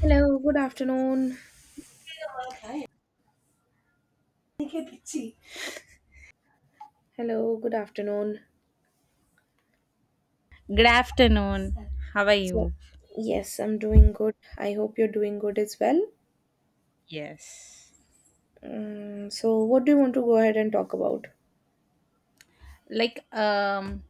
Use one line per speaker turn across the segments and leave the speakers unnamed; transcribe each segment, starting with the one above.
Hello, good afternoon. Hello, good afternoon.
Good afternoon. How are
So,
you?
yes, I'm doing good. I hope you're doing good as well.
Yes.
So, what do you want to go ahead and talk about?
Like, um,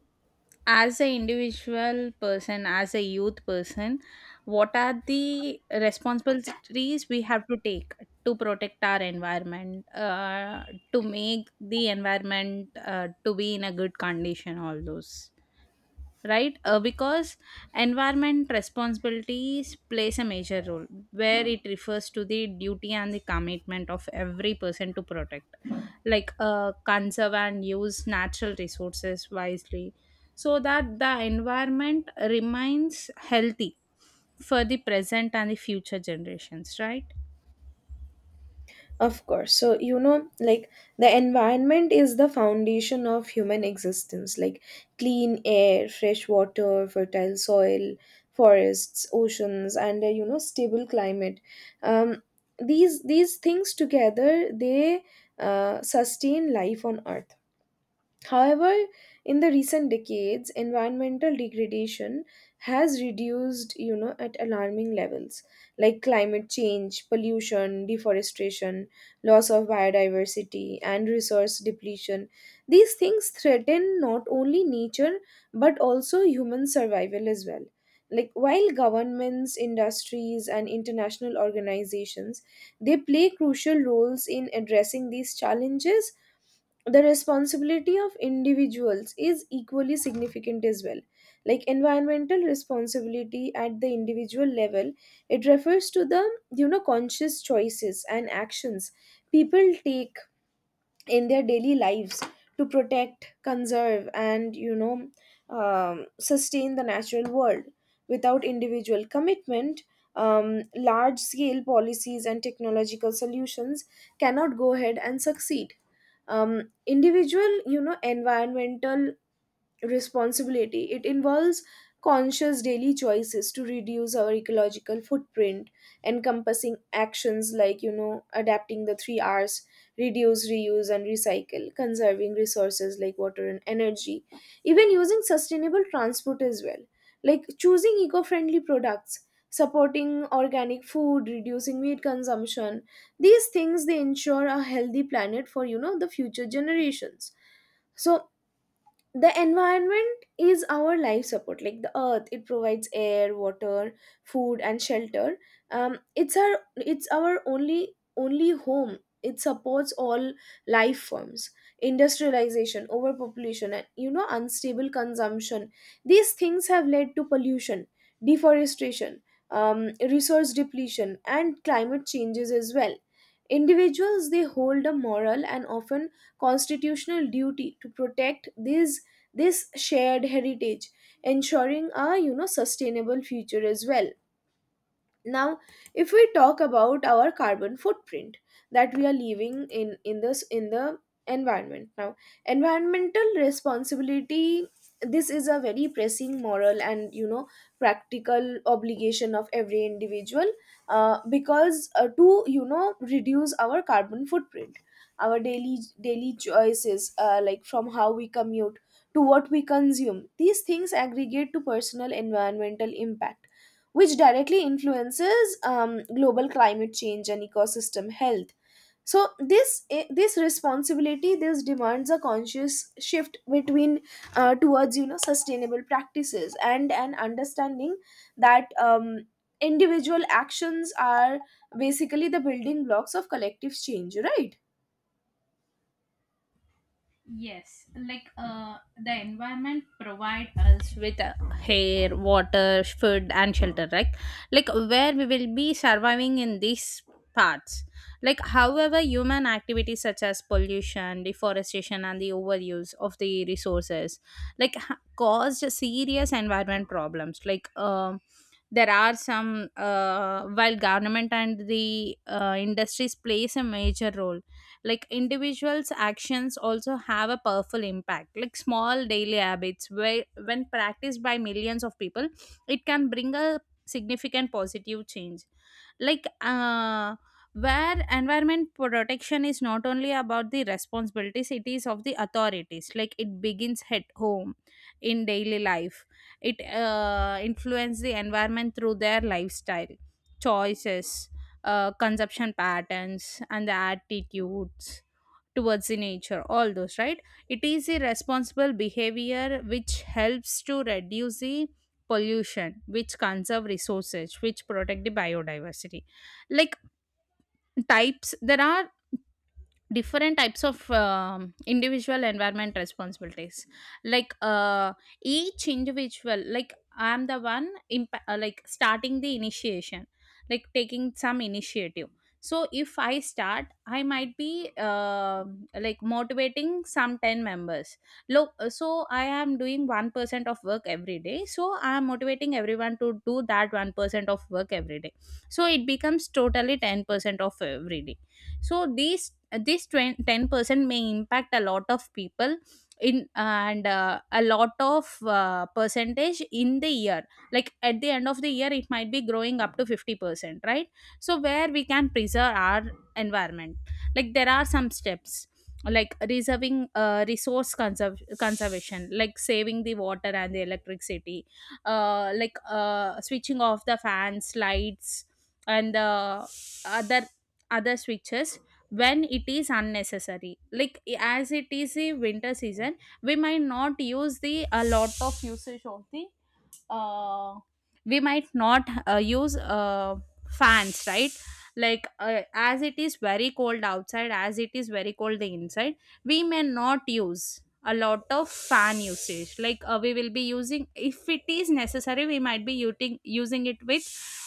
as an individual person, as a youth person, what are the responsibilities we have to take to protect our environment, to make the environment to be in a good condition, all those, right? Because environment responsibilities plays a major role where it refers to the duty and the commitment of every person to protect. Conserve and use natural resources wisely so that the environment remains healthy for the present and the future generations, right?
Of course. So, like the environment is the foundation of human existence, like clean air, fresh water, fertile soil, forests, oceans, and a stable climate. Um, these things together, they sustain life on earth. However, in the recent decades, environmental degradation has reduced, at alarming levels, like climate change, pollution, deforestation, loss of biodiversity, and resource depletion. These things threaten not only nature but also human survival as well. Like while governments, industries, and international organizations, they play crucial roles in addressing these challenges, the responsibility of individuals is equally significant as well. Like environmental responsibility at the individual level, it refers to the conscious choices and actions people take in their daily lives to protect, conserve and sustain the natural world. Without individual commitment, large scale policies and technological solutions cannot go ahead and succeed. Individual environmental responsibility. It involves conscious daily choices to reduce our ecological footprint, encompassing actions like, adapting the three R's, reduce, reuse, and recycle, conserving resources like water and energy, even using sustainable transport as well, like choosing eco friendly products. Supporting organic food, reducing meat consumption, these things they ensure a healthy planet for the future generations. So the environment is our life support. Like the earth, it provides air, water, food and shelter. It's our only home. It supports all life forms. Industrialization, overpopulation and unstable consumption, these things have led to pollution, deforestation, resource depletion and climate changes as well. Individuals, they hold a moral and often constitutional duty to protect these this shared heritage, ensuring a sustainable future as well. Now, if we talk about our carbon footprint that we are leaving in the environment now, environmental responsibility, this is a very pressing moral and practical obligation of every individual. Because, to reduce our carbon footprint, our daily choices, like from how we commute to what we consume, these things aggregate to personal environmental impact, which directly influences global climate change and ecosystem health. So this, this responsibility, this demands a conscious shift between, towards sustainable practices and an understanding that individual actions are basically the building blocks of collective change, right.
Yes, like, the environment provide us with air, water, food, and shelter, right? Like where we will be surviving in these parts. Like, however, human activities such as pollution, deforestation, and the overuse of the resources, like, caused serious environment problems. There are some, while government and the industries plays a major role, like individuals actions also have a powerful impact, like small daily habits where when practiced by millions of people it can bring a significant positive change. like uh where environment protection is not only about the responsibilities it is of the authorities, like it begins at home, in daily life. It influence the environment through their lifestyle choices, consumption patterns and the attitudes towards the nature, all those, right? It is a responsible behavior which helps to reduce the pollution, which conserve resources, which protect the biodiversity. Like types, there are different types of individual environment responsibilities, like uh, each individual, like I'm the one like starting the initiation, like taking some initiative. So if I start, I might be like motivating some 10 members. Look, so I am doing 1% of work every day, so I am motivating everyone to do that 1% of work every day, so it becomes totally 10% of every day. So these this 20 10% may impact a lot of people in, and a lot of, percentage in the year. Like at the end of the year it might be growing up to 50%, right? So where we can preserve our environment. Like there are some steps, like reserving, resource conservation, like saving the water and the electricity, like, switching off the fans, lights and the other other switches when it is unnecessary. Like as it is a winter season, we might not use the a lot of usage of the, uh, we might not, use, fans, right? Like, as it is very cold outside, as it is very cold inside, we may not use a lot of fan usage. Like, we will be using if it is necessary, we might be using it with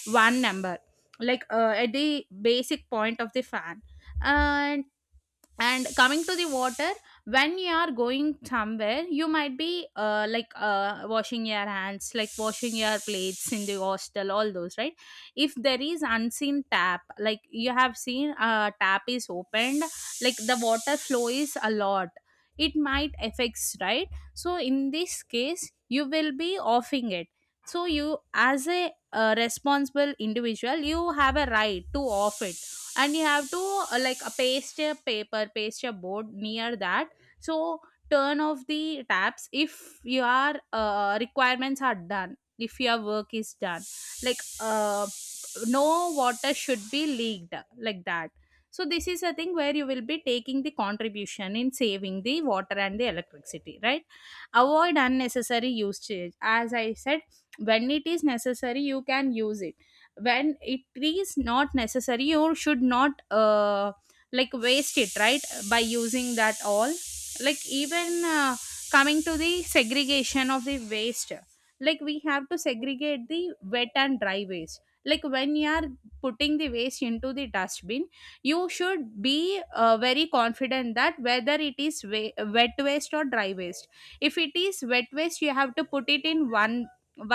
one number, at the basic point of the fan. and and coming to the water, when you are going somewhere you might be like, washing your hands, like washing your plates in the hostel, all those, right? If there is unseen tap, like you have seen a tap is opened, like the water flow is a lot, it might affects, right? So in this case you will be offing it. So you, as a responsible individual, you have a right to off it, and you have to like, paste a board near that. So turn off the taps if your requirements are done, if your work is done, like uh, no water should be leaked, like that. So this is a thing where you will be taking the contribution in saving the water and the electricity, right? Avoid unnecessary usage, as I said. When it is necessary you can use it, when it is not necessary you should not, like, waste it, right? By using that all, like even coming to the segregation of the waste, like we have to segregate the wet and dry waste. Like when you are putting the waste into the dustbin, you should be very confident that whether it is wet waste or dry waste. If it is wet waste you have to put it in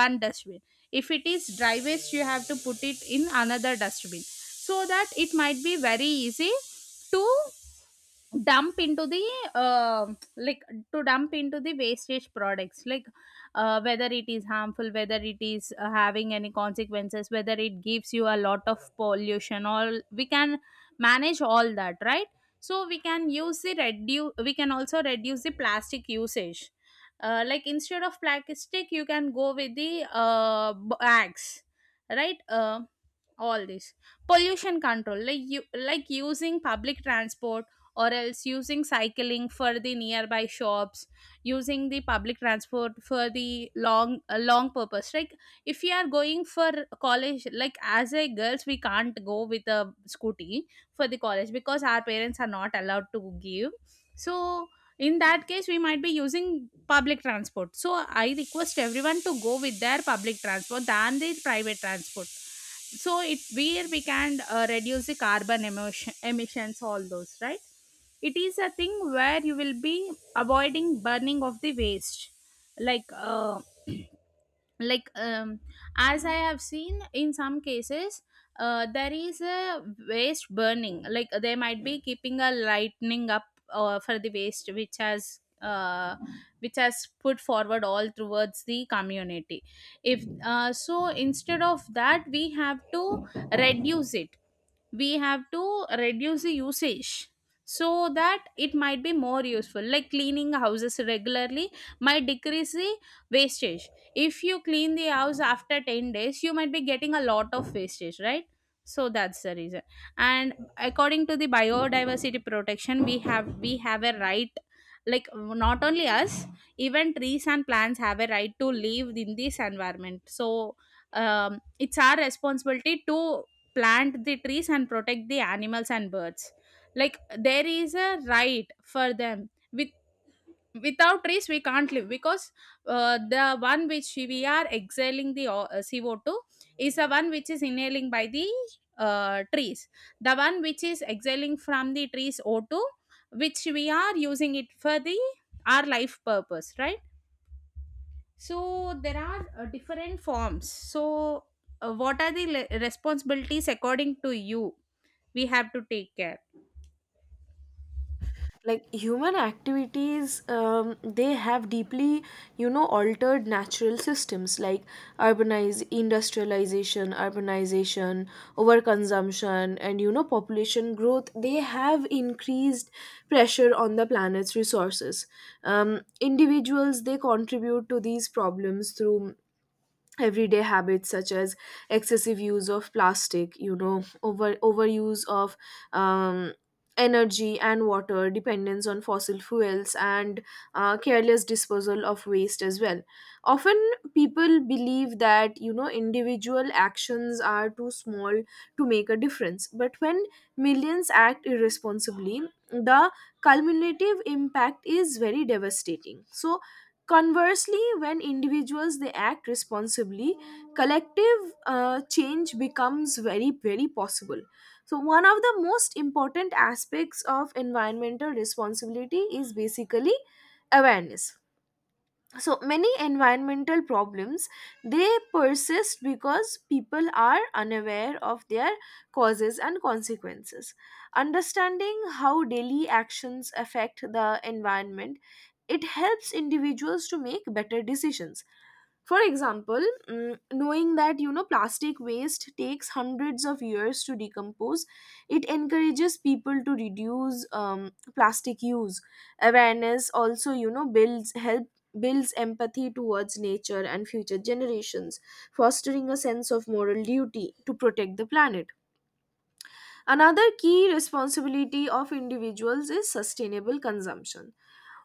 one dustbin, if it is dry waste you have to put it in another dustbin, so that it might be very easy to dump into the, uh, like to dump into the wastage products, like, whether it is harmful, whether it is having any consequences, whether it gives you a lot of pollution, all we can manage all that, right? So we can use the reduce, we can also reduce the plastic usage, like instead of plastic you can go with the, bags, right? All this pollution control, like you like using public transport, or else using cycling for the nearby shops, using the public transport for the long, long purpose. Like if you are going for college, like as a girls we can't go with a scooty for the college because our parents are not allowed to give. So in that case we might be using public transport, so I request everyone to go with their public transport than the private transport. So it where we can, reduce the carbon emotion, emissions, all those, right? It is a thing where you will be avoiding burning of the waste, like uh, like um, as I have seen in some cases, there is a waste burning, like, they might be keeping a lightning up, for the waste which has, which has put forward all towards the community. If, so instead of that we have to reduce it, we have to reduce the usage, so that it might be more useful. Like cleaning houses regularly might decrease the wastage. If you clean the house after 10 days you might be getting a lot of wastage, right? So that's the reason. And according to the biodiversity protection, we have a right. Like not only us, even trees and plants have a right to live in this environment. So it's our responsibility to plant the trees and protect the animals and birds. Like there is a right for them. With without trees we can't live, because the one which we are exhaling, the CO2, is the one which is inhaling by the, trees. The one which is exhaling from the trees, O2, which we are using it for the our life purpose, right? So there are, different forms. So what are the responsibilities according to you we have to take care?
Like human activities, they have deeply altered natural systems like urbanize industrialization, urbanization, overconsumption and population growth, they have increased pressure on the planet's resources. Individuals, they contribute to these problems through everyday habits such as excessive use of plastic, overuse of um, energy and water, dependence on fossil fuels and careless disposal of waste as well. Often people believe that individual actions are too small to make a difference, but when millions act irresponsibly, the cumulative impact is very devastating. So, conversely, when individuals, they act responsibly, collective change becomes very very possible. So one of the most important aspects of environmental responsibility is basically awareness. So many environmental problems, they persist because people are unaware of their causes and consequences. Understanding how daily actions affect the environment, it helps individuals to make better decisions. For example, knowing that plastic waste takes hundreds of years to decompose, it encourages people to reduce plastic use. Awareness also builds empathy towards nature and future generations, fostering a sense of moral duty to protect the planet. Another key responsibility of individuals is sustainable consumption.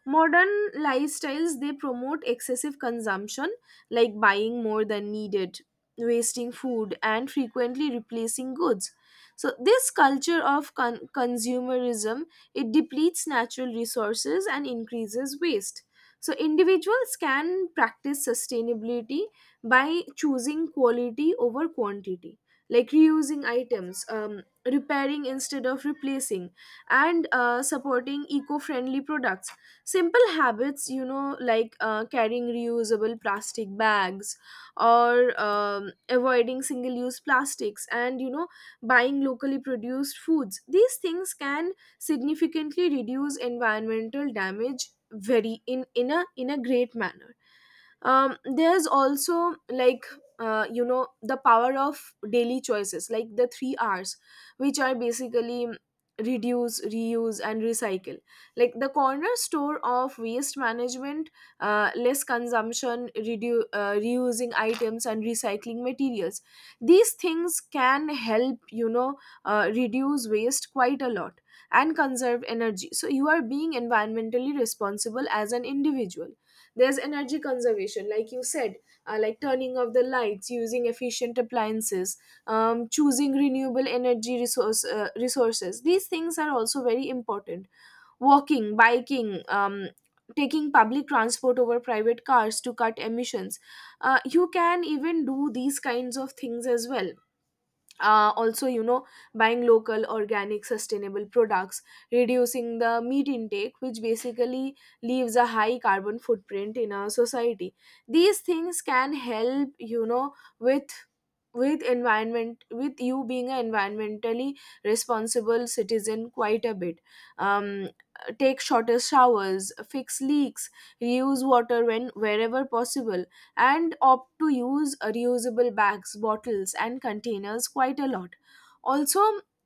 Modern lifestyles, they promote excessive consumption, like buying more than needed, wasting food and frequently replacing goods. So this culture of consumerism, it depletes natural resources and increases waste. So individuals can practice sustainability by choosing quality over quantity, like reusing items, repairing instead of replacing, and supporting eco-friendly products. Simple habits, like carrying reusable plastic bags, or avoiding single use plastics, and buying locally produced foods, these things can significantly reduce environmental damage, very, in a great manner. There's also, like the power of daily choices like the three R's, which are basically reduce, reuse and recycle, like the corner store of waste management. Less consumption, reusing items and recycling materials, these things can help, reduce waste quite a lot and conserve energy, so you are being environmentally responsible as an individual. There's energy conservation like you said, like turning off the lights, using efficient appliances, choosing renewable energy resources, these things are also very important. Walking, biking, taking public transport over private cars to cut emissions, you can even do these kinds of things as well. Also, buying local organic sustainable products, reducing the meat intake, which basically leaves a high carbon footprint in our society, these things can help, with with environment, with you being an environmentally responsible citizen quite a bit. Um, take shorter showers, fix leaks, reuse water when wherever possible, and opt to use reusable bags, bottles, and containers quite a lot. Also,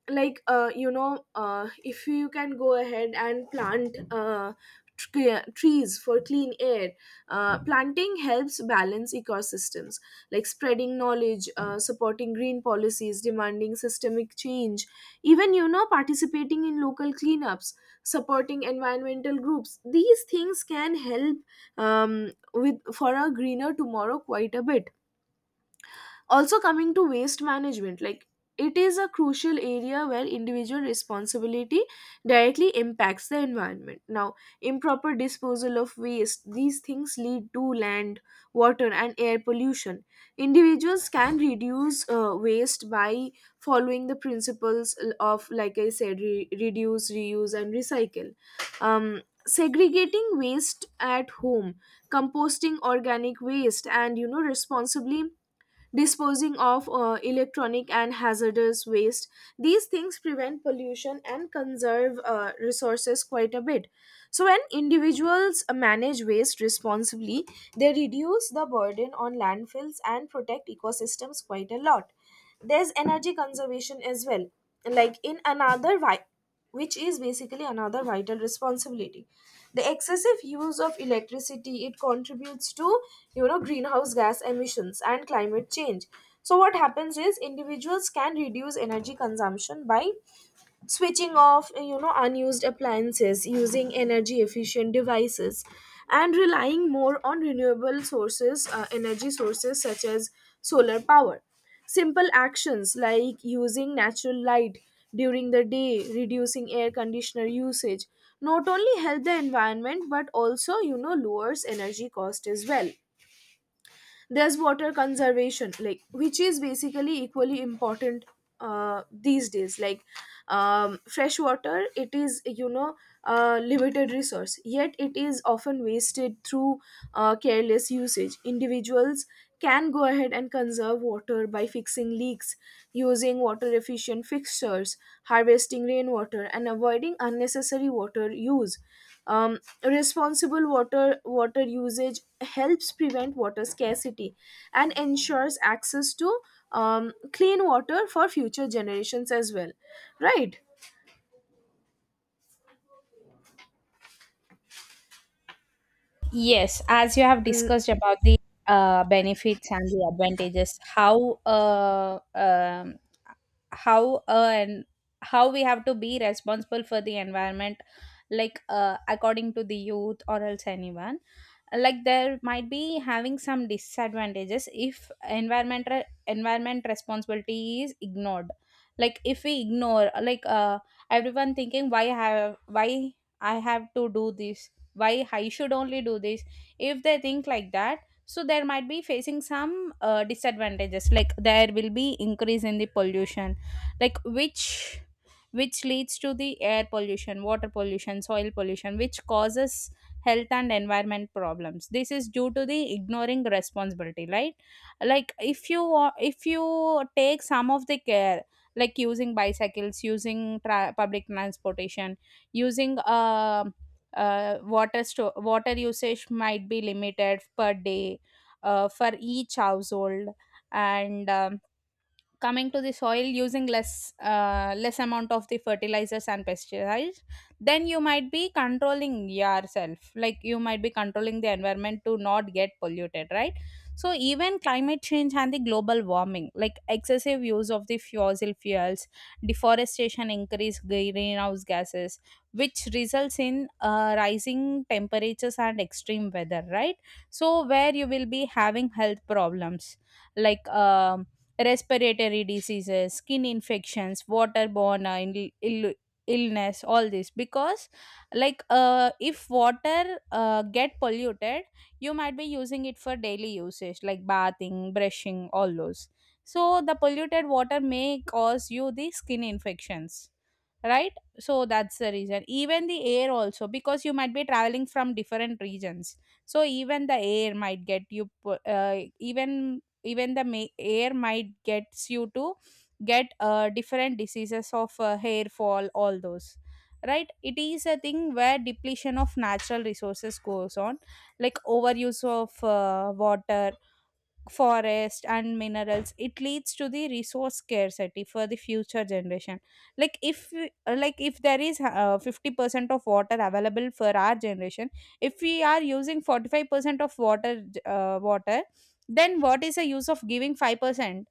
like if you can go ahead and plant trees for clean air. Planting helps balance ecosystems, like spreading knowledge, supporting green policies, demanding systemic change, even participating in local cleanups, supporting environmental groups, these things can help um, with for a greener tomorrow quite a bit. Also, coming to waste management, like it is a crucial area where individual responsibility directly impacts the environment now. Improper disposal of waste, these things lead to land, water and air pollution. Individuals can reduce waste by following the principles of, like I said, reduce, reuse and recycle. Um, segregating waste at home, composting organic waste and responsibly disposing of electronic and hazardous waste. These things prevent pollution and conserve resources quite a bit. So, when individuals manage waste responsibly, they reduce the burden on landfills and protect ecosystems quite a lot. There's energy conservation as well. Like, which is basically another vital responsibility, the excessive use of electricity, it contributes to greenhouse gas emissions and climate change. So what happens is, individuals can reduce energy consumption by switching off unused appliances, using energy efficient devices, and relying more on renewable sources energy sources such as solar power. Simple actions like using natural light during the day, reducing air conditioner usage, not only help the environment but also lowers energy cost as well. There's water conservation, like which is basically equally important these days, like fresh water, it is a limited resource, yet it is often wasted through careless usage. Individuals can go ahead and conserve water by fixing leaks, using water efficient fixtures, harvesting rainwater, and avoiding unnecessary water use. Um, responsible water usage helps prevent water scarcity and ensures access to clean water for future generations as well, right?
Yes, as you have
Mm,
discussed about the benefits and the advantages, how uh, and how we have to be responsible for the environment, according to the youth or else anyone, like there might be having some disadvantages if environment responsibility is ignored. Like if we ignore, everyone thinking, why have, why I have to do this, why I should only do this? If they think like that, so there might be facing some, disadvantages, like there will be increase in the pollution, like which leads to the air pollution, water pollution, soil pollution, which causes health and environment problems. This is due to the ignoring responsibility, right? Like if you if you take some of the care, like using bicycles, using public transportation, using, water usage might be limited per day, for each household. And coming to the soil, using less, less amount of the fertilizers and pesticides, then you might be controlling yourself, like you might be controlling the environment to not get polluted, right? So even climate change and the global warming, like excessive use of the fossil fuels, deforestation, increase greenhouse gases, which results in, rising temperatures and extreme weather, right? So where you will be having health problems, like um respiratory diseases, skin infections, waterborne, Ill- Ill- illness, all this. Because, like, if water, get polluted, you might be using it for daily usage, like bathing, brushing, all those. So the polluted water may cause you the skin infections, right? So that's the reason. Even the air also, because you might be traveling from different regions, so even the air might even air might gets you to get different diseases of hair fall, all those, right? It is a thing where depletion of natural resources goes on, like overuse of water, forest and minerals. It leads to the resource scarcity for the future generation. Like if there is 50% of water available for our generation, if we are using 45% of water, then what is the use of giving 5%?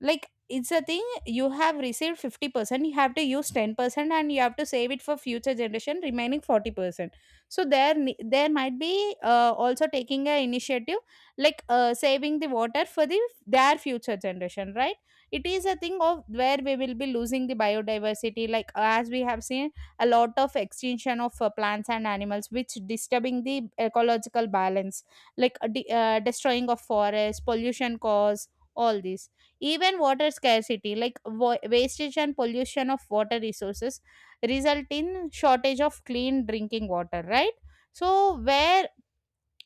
Like it's a thing, you have received 50%, you have to use 10% and you have to save it for future generation, remaining 40%. So there might be also taking a initiative, like saving the water for the their future generation, right? It is a thing of where we will be losing the biodiversity, like as we have seen a lot of extinction of plants and animals, which disturbing the ecological balance, like destroying of forest, pollution cause, all these. Even water scarcity, like wastage and pollution of water resources, result in shortage of clean drinking water, right? So where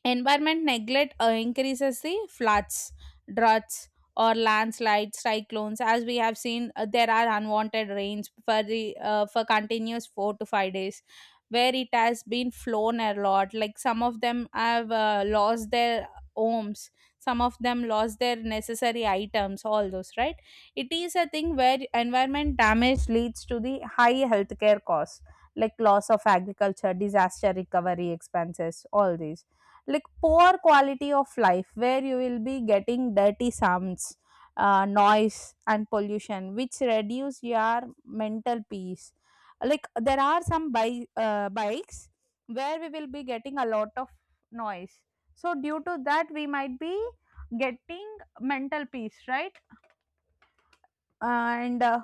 environment neglect increases the floods, droughts, or landslides, cyclones. As we have seen, there are unwanted rains for the for continuous 4 to 5 days, where it has been flown a lot. Like some of them have lost their homes, some of them lost their necessary items, all those, right? It is a thing where environment damage leads to the high healthcare costs, like loss of agriculture, disaster recovery expenses, all these. Like poor quality of life, where you will be getting dirty sounds, noise and pollution which reduce your mental peace. Like there are some bikes where we will be getting a lot of noise, so due to that we might be getting mental peace, right? And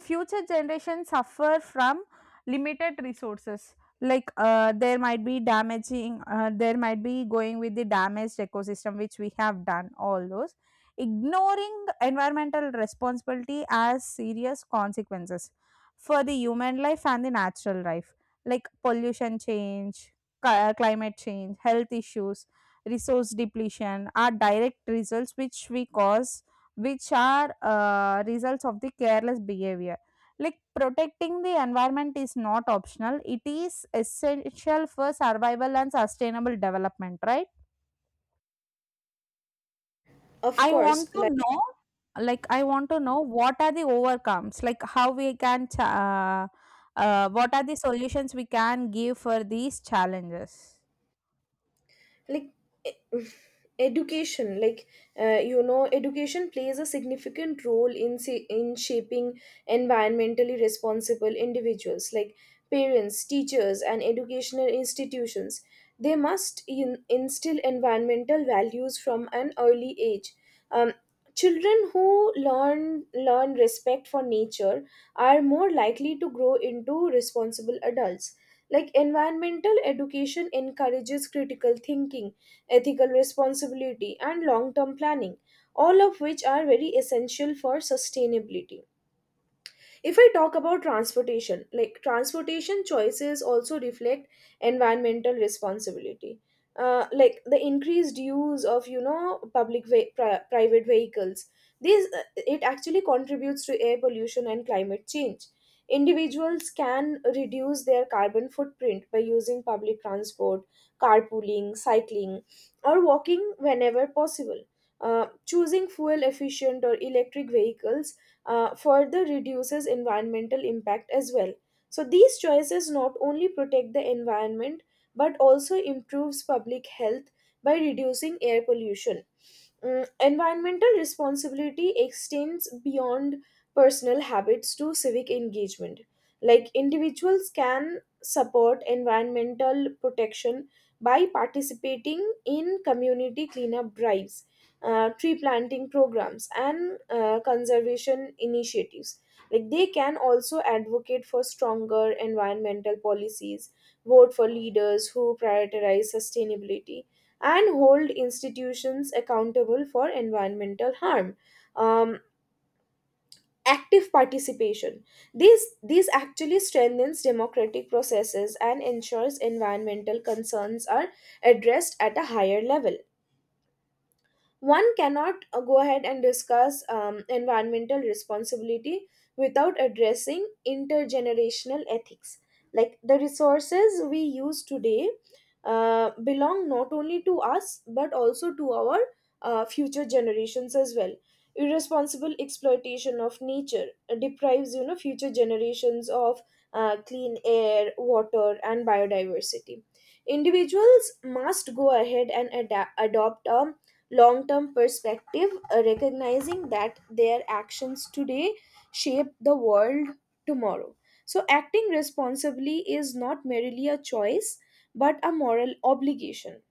future generations suffer from limited resources, like there might be going with the damaged ecosystem which we have done, all those. Ignoring environmental responsibility as serious consequences for the human life and the natural life, like climate change, health issues, resource depletion are direct results which we cause, which are results of the careless behavior. Like protecting the environment is not optional, it is essential for survival and sustainable development, right?
of
I want
course.
to know, like, I want to know what are the overcomes, like how we what are the solutions we can give for these challenges.
Like e- education like you know education plays a significant role in shaping environmentally responsible individuals, like parents, teachers and educational institutions, they must instill environmental values from an early age. Um, Children who learn respect for nature are more likely to grow into responsible adults. Like environmental education encourages critical thinking, ethical responsibility, and long-term planning, all of which are very essential for sustainability. If I talk about transportation, like transportation choices also reflect environmental responsibility. Like the increased use of private vehicles, these it actually contributes to air pollution and climate change. Individuals can reduce their carbon footprint by using public transport, carpooling, cycling or walking whenever possible. Choosing fuel efficient or electric vehicles further reduces environmental impact as well. So these choices not only protect the environment but also improves public health by reducing air pollution. Environmental responsibility extends beyond personal habits to civic engagement. Like individuals can support environmental protection by participating in community cleanup drives, tree planting programs, and conservation initiatives. Like they can also advocate for stronger environmental policies, vote for leaders who prioritize sustainability and hold institutions accountable for environmental harm. Um, active participation. This actually strengthens democratic processes and ensures environmental concerns are addressed at a higher level. One cannot go ahead and discuss environmental responsibility without addressing intergenerational ethics. Like the resources we use today belong not only to us but also to our future generations as well. Irresponsible exploitation of nature deprives future generations of clean air, water, and biodiversity. Individuals must go ahead and adopt a long term perspective, recognizing that their actions today shape the world tomorrow. So, acting responsibly is not merely a choice but a moral obligation.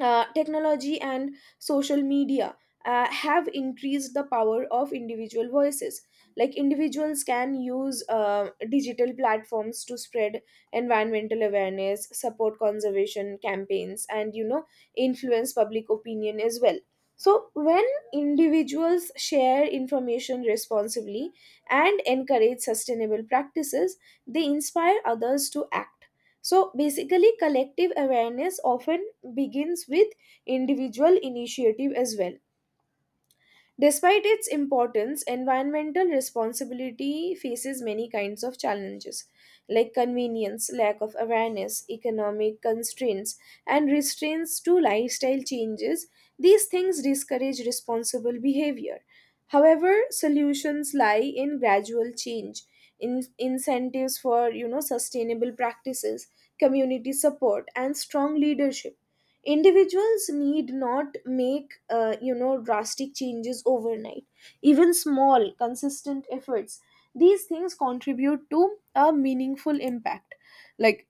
Technology and social media have increased the power of individual voices. Like individuals can use digital platforms to spread environmental awareness, support conservation campaigns and influence public opinion as well. So when individuals share information responsibly and encourage sustainable practices, they inspire others to act. So basically, collective awareness often begins with individual initiative as well. Despite its importance, environmental responsibility faces many kinds of challenges like convenience, lack of awareness, economic constraints, and restraints to lifestyle changes. These things discourage responsible behavior. However, solutions lie in gradual change, incentives for sustainable practices, community support and strong leadership. Individuals need not make drastic changes overnight. Even small consistent efforts, these things contribute to a meaningful impact. Like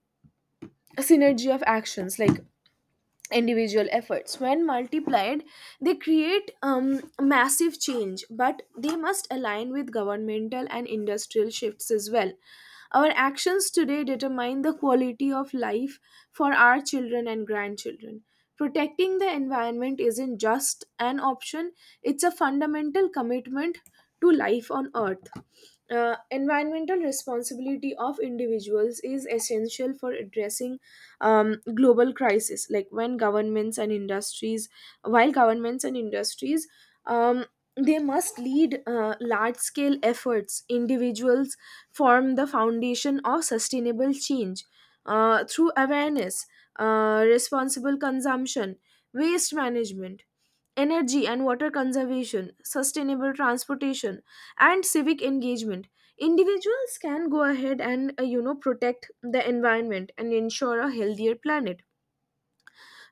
synergy of actions, like individual efforts when multiplied, they create massive change, but they must align with governmental and industrial shifts as well. Our actions today determine the quality of life for our children and grandchildren. Protecting the environment isn't just an option, it's a fundamental commitment to life on earth. Environmental responsibility of individuals is essential for addressing global crisis. Like when governments and industries While governments and industries, um, they must lead large scale efforts, individuals form the foundation of sustainable change through awareness, responsible consumption, waste management, energy and water conservation, sustainable transportation, and civic engagement. Individuals can go ahead and protect the environment and ensure a healthier planet.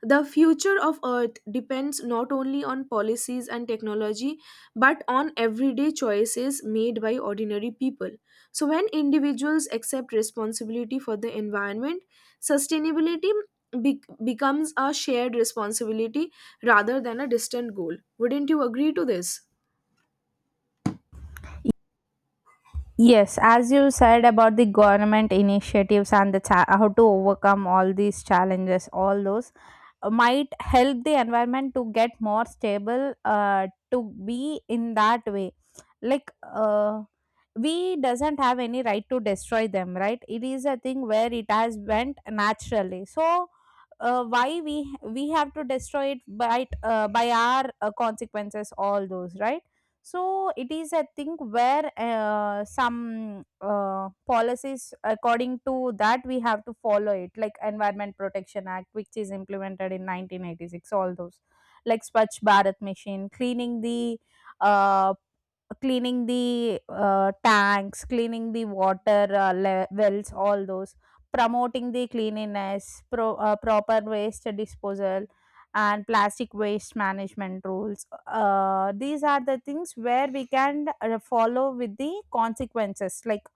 The future of Earth depends not only on policies and technology, but on everyday choices made by ordinary people. So, when individuals accept responsibility for the environment, sustainability becomes a shared responsibility rather than a distant goal. Wouldn't you agree to this?
Yes, as you said about the government initiatives and the how to overcome all these challenges, all those, might help the environment to get more stable, to be in that way, like we doesn't have any right to destroy them, right? It is a thing where it has went naturally, so why we have to destroy it by our consequences, all those, right? So it is a thing where some policies, according to that we have to follow it, like environment protection act, which is implemented in 1986, all those, like swachh bharat mission, cleaning the uh, cleaning the, tanks, cleaning the water, le wells, all those. Promoting the cleanliness, proper waste disposal, and plastic waste management rules. These are the things where we can follow with the consequences, like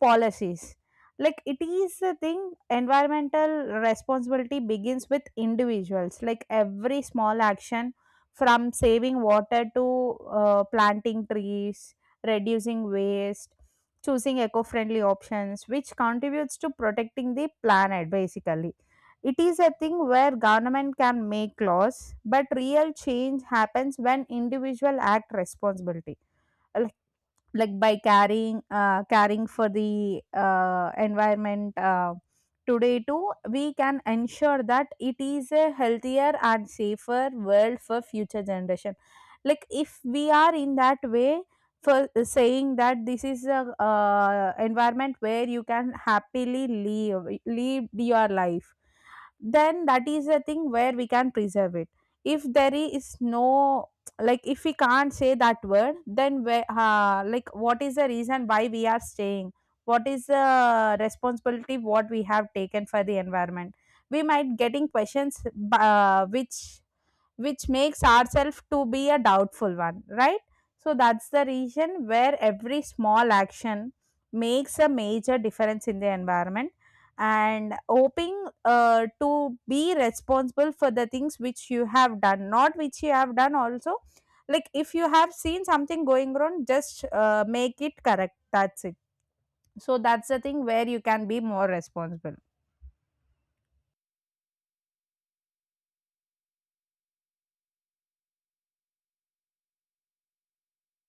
policies. Like it is a thing, environmental responsibility begins with individuals. Like every small action, from saving water to planting trees, reducing waste, choosing eco-friendly options, which contributes to protecting the planet basically. It is a thing where government can make laws, but real change happens when individual act responsibility, like by carrying caring for the environment. Today too we can ensure that it is a healthier and safer world for future generation. Like if we are in that way for saying that this is a environment where you can happily live your life, then that is a thing where we can preserve it. If there is no, like if we can't say that word, then where like what is the reason why we are staying, what is the responsibility what we have taken for the environment? We might getting questions uh, which which makes ourselves to be a doubtful one, right? So that's the reason where every small action makes a major difference in the environment, and hoping to be responsible for the things which you have done, not which you have done also. Like if you have seen something going wrong, just make it correct. That's it. So that's the thing where you can be more responsible.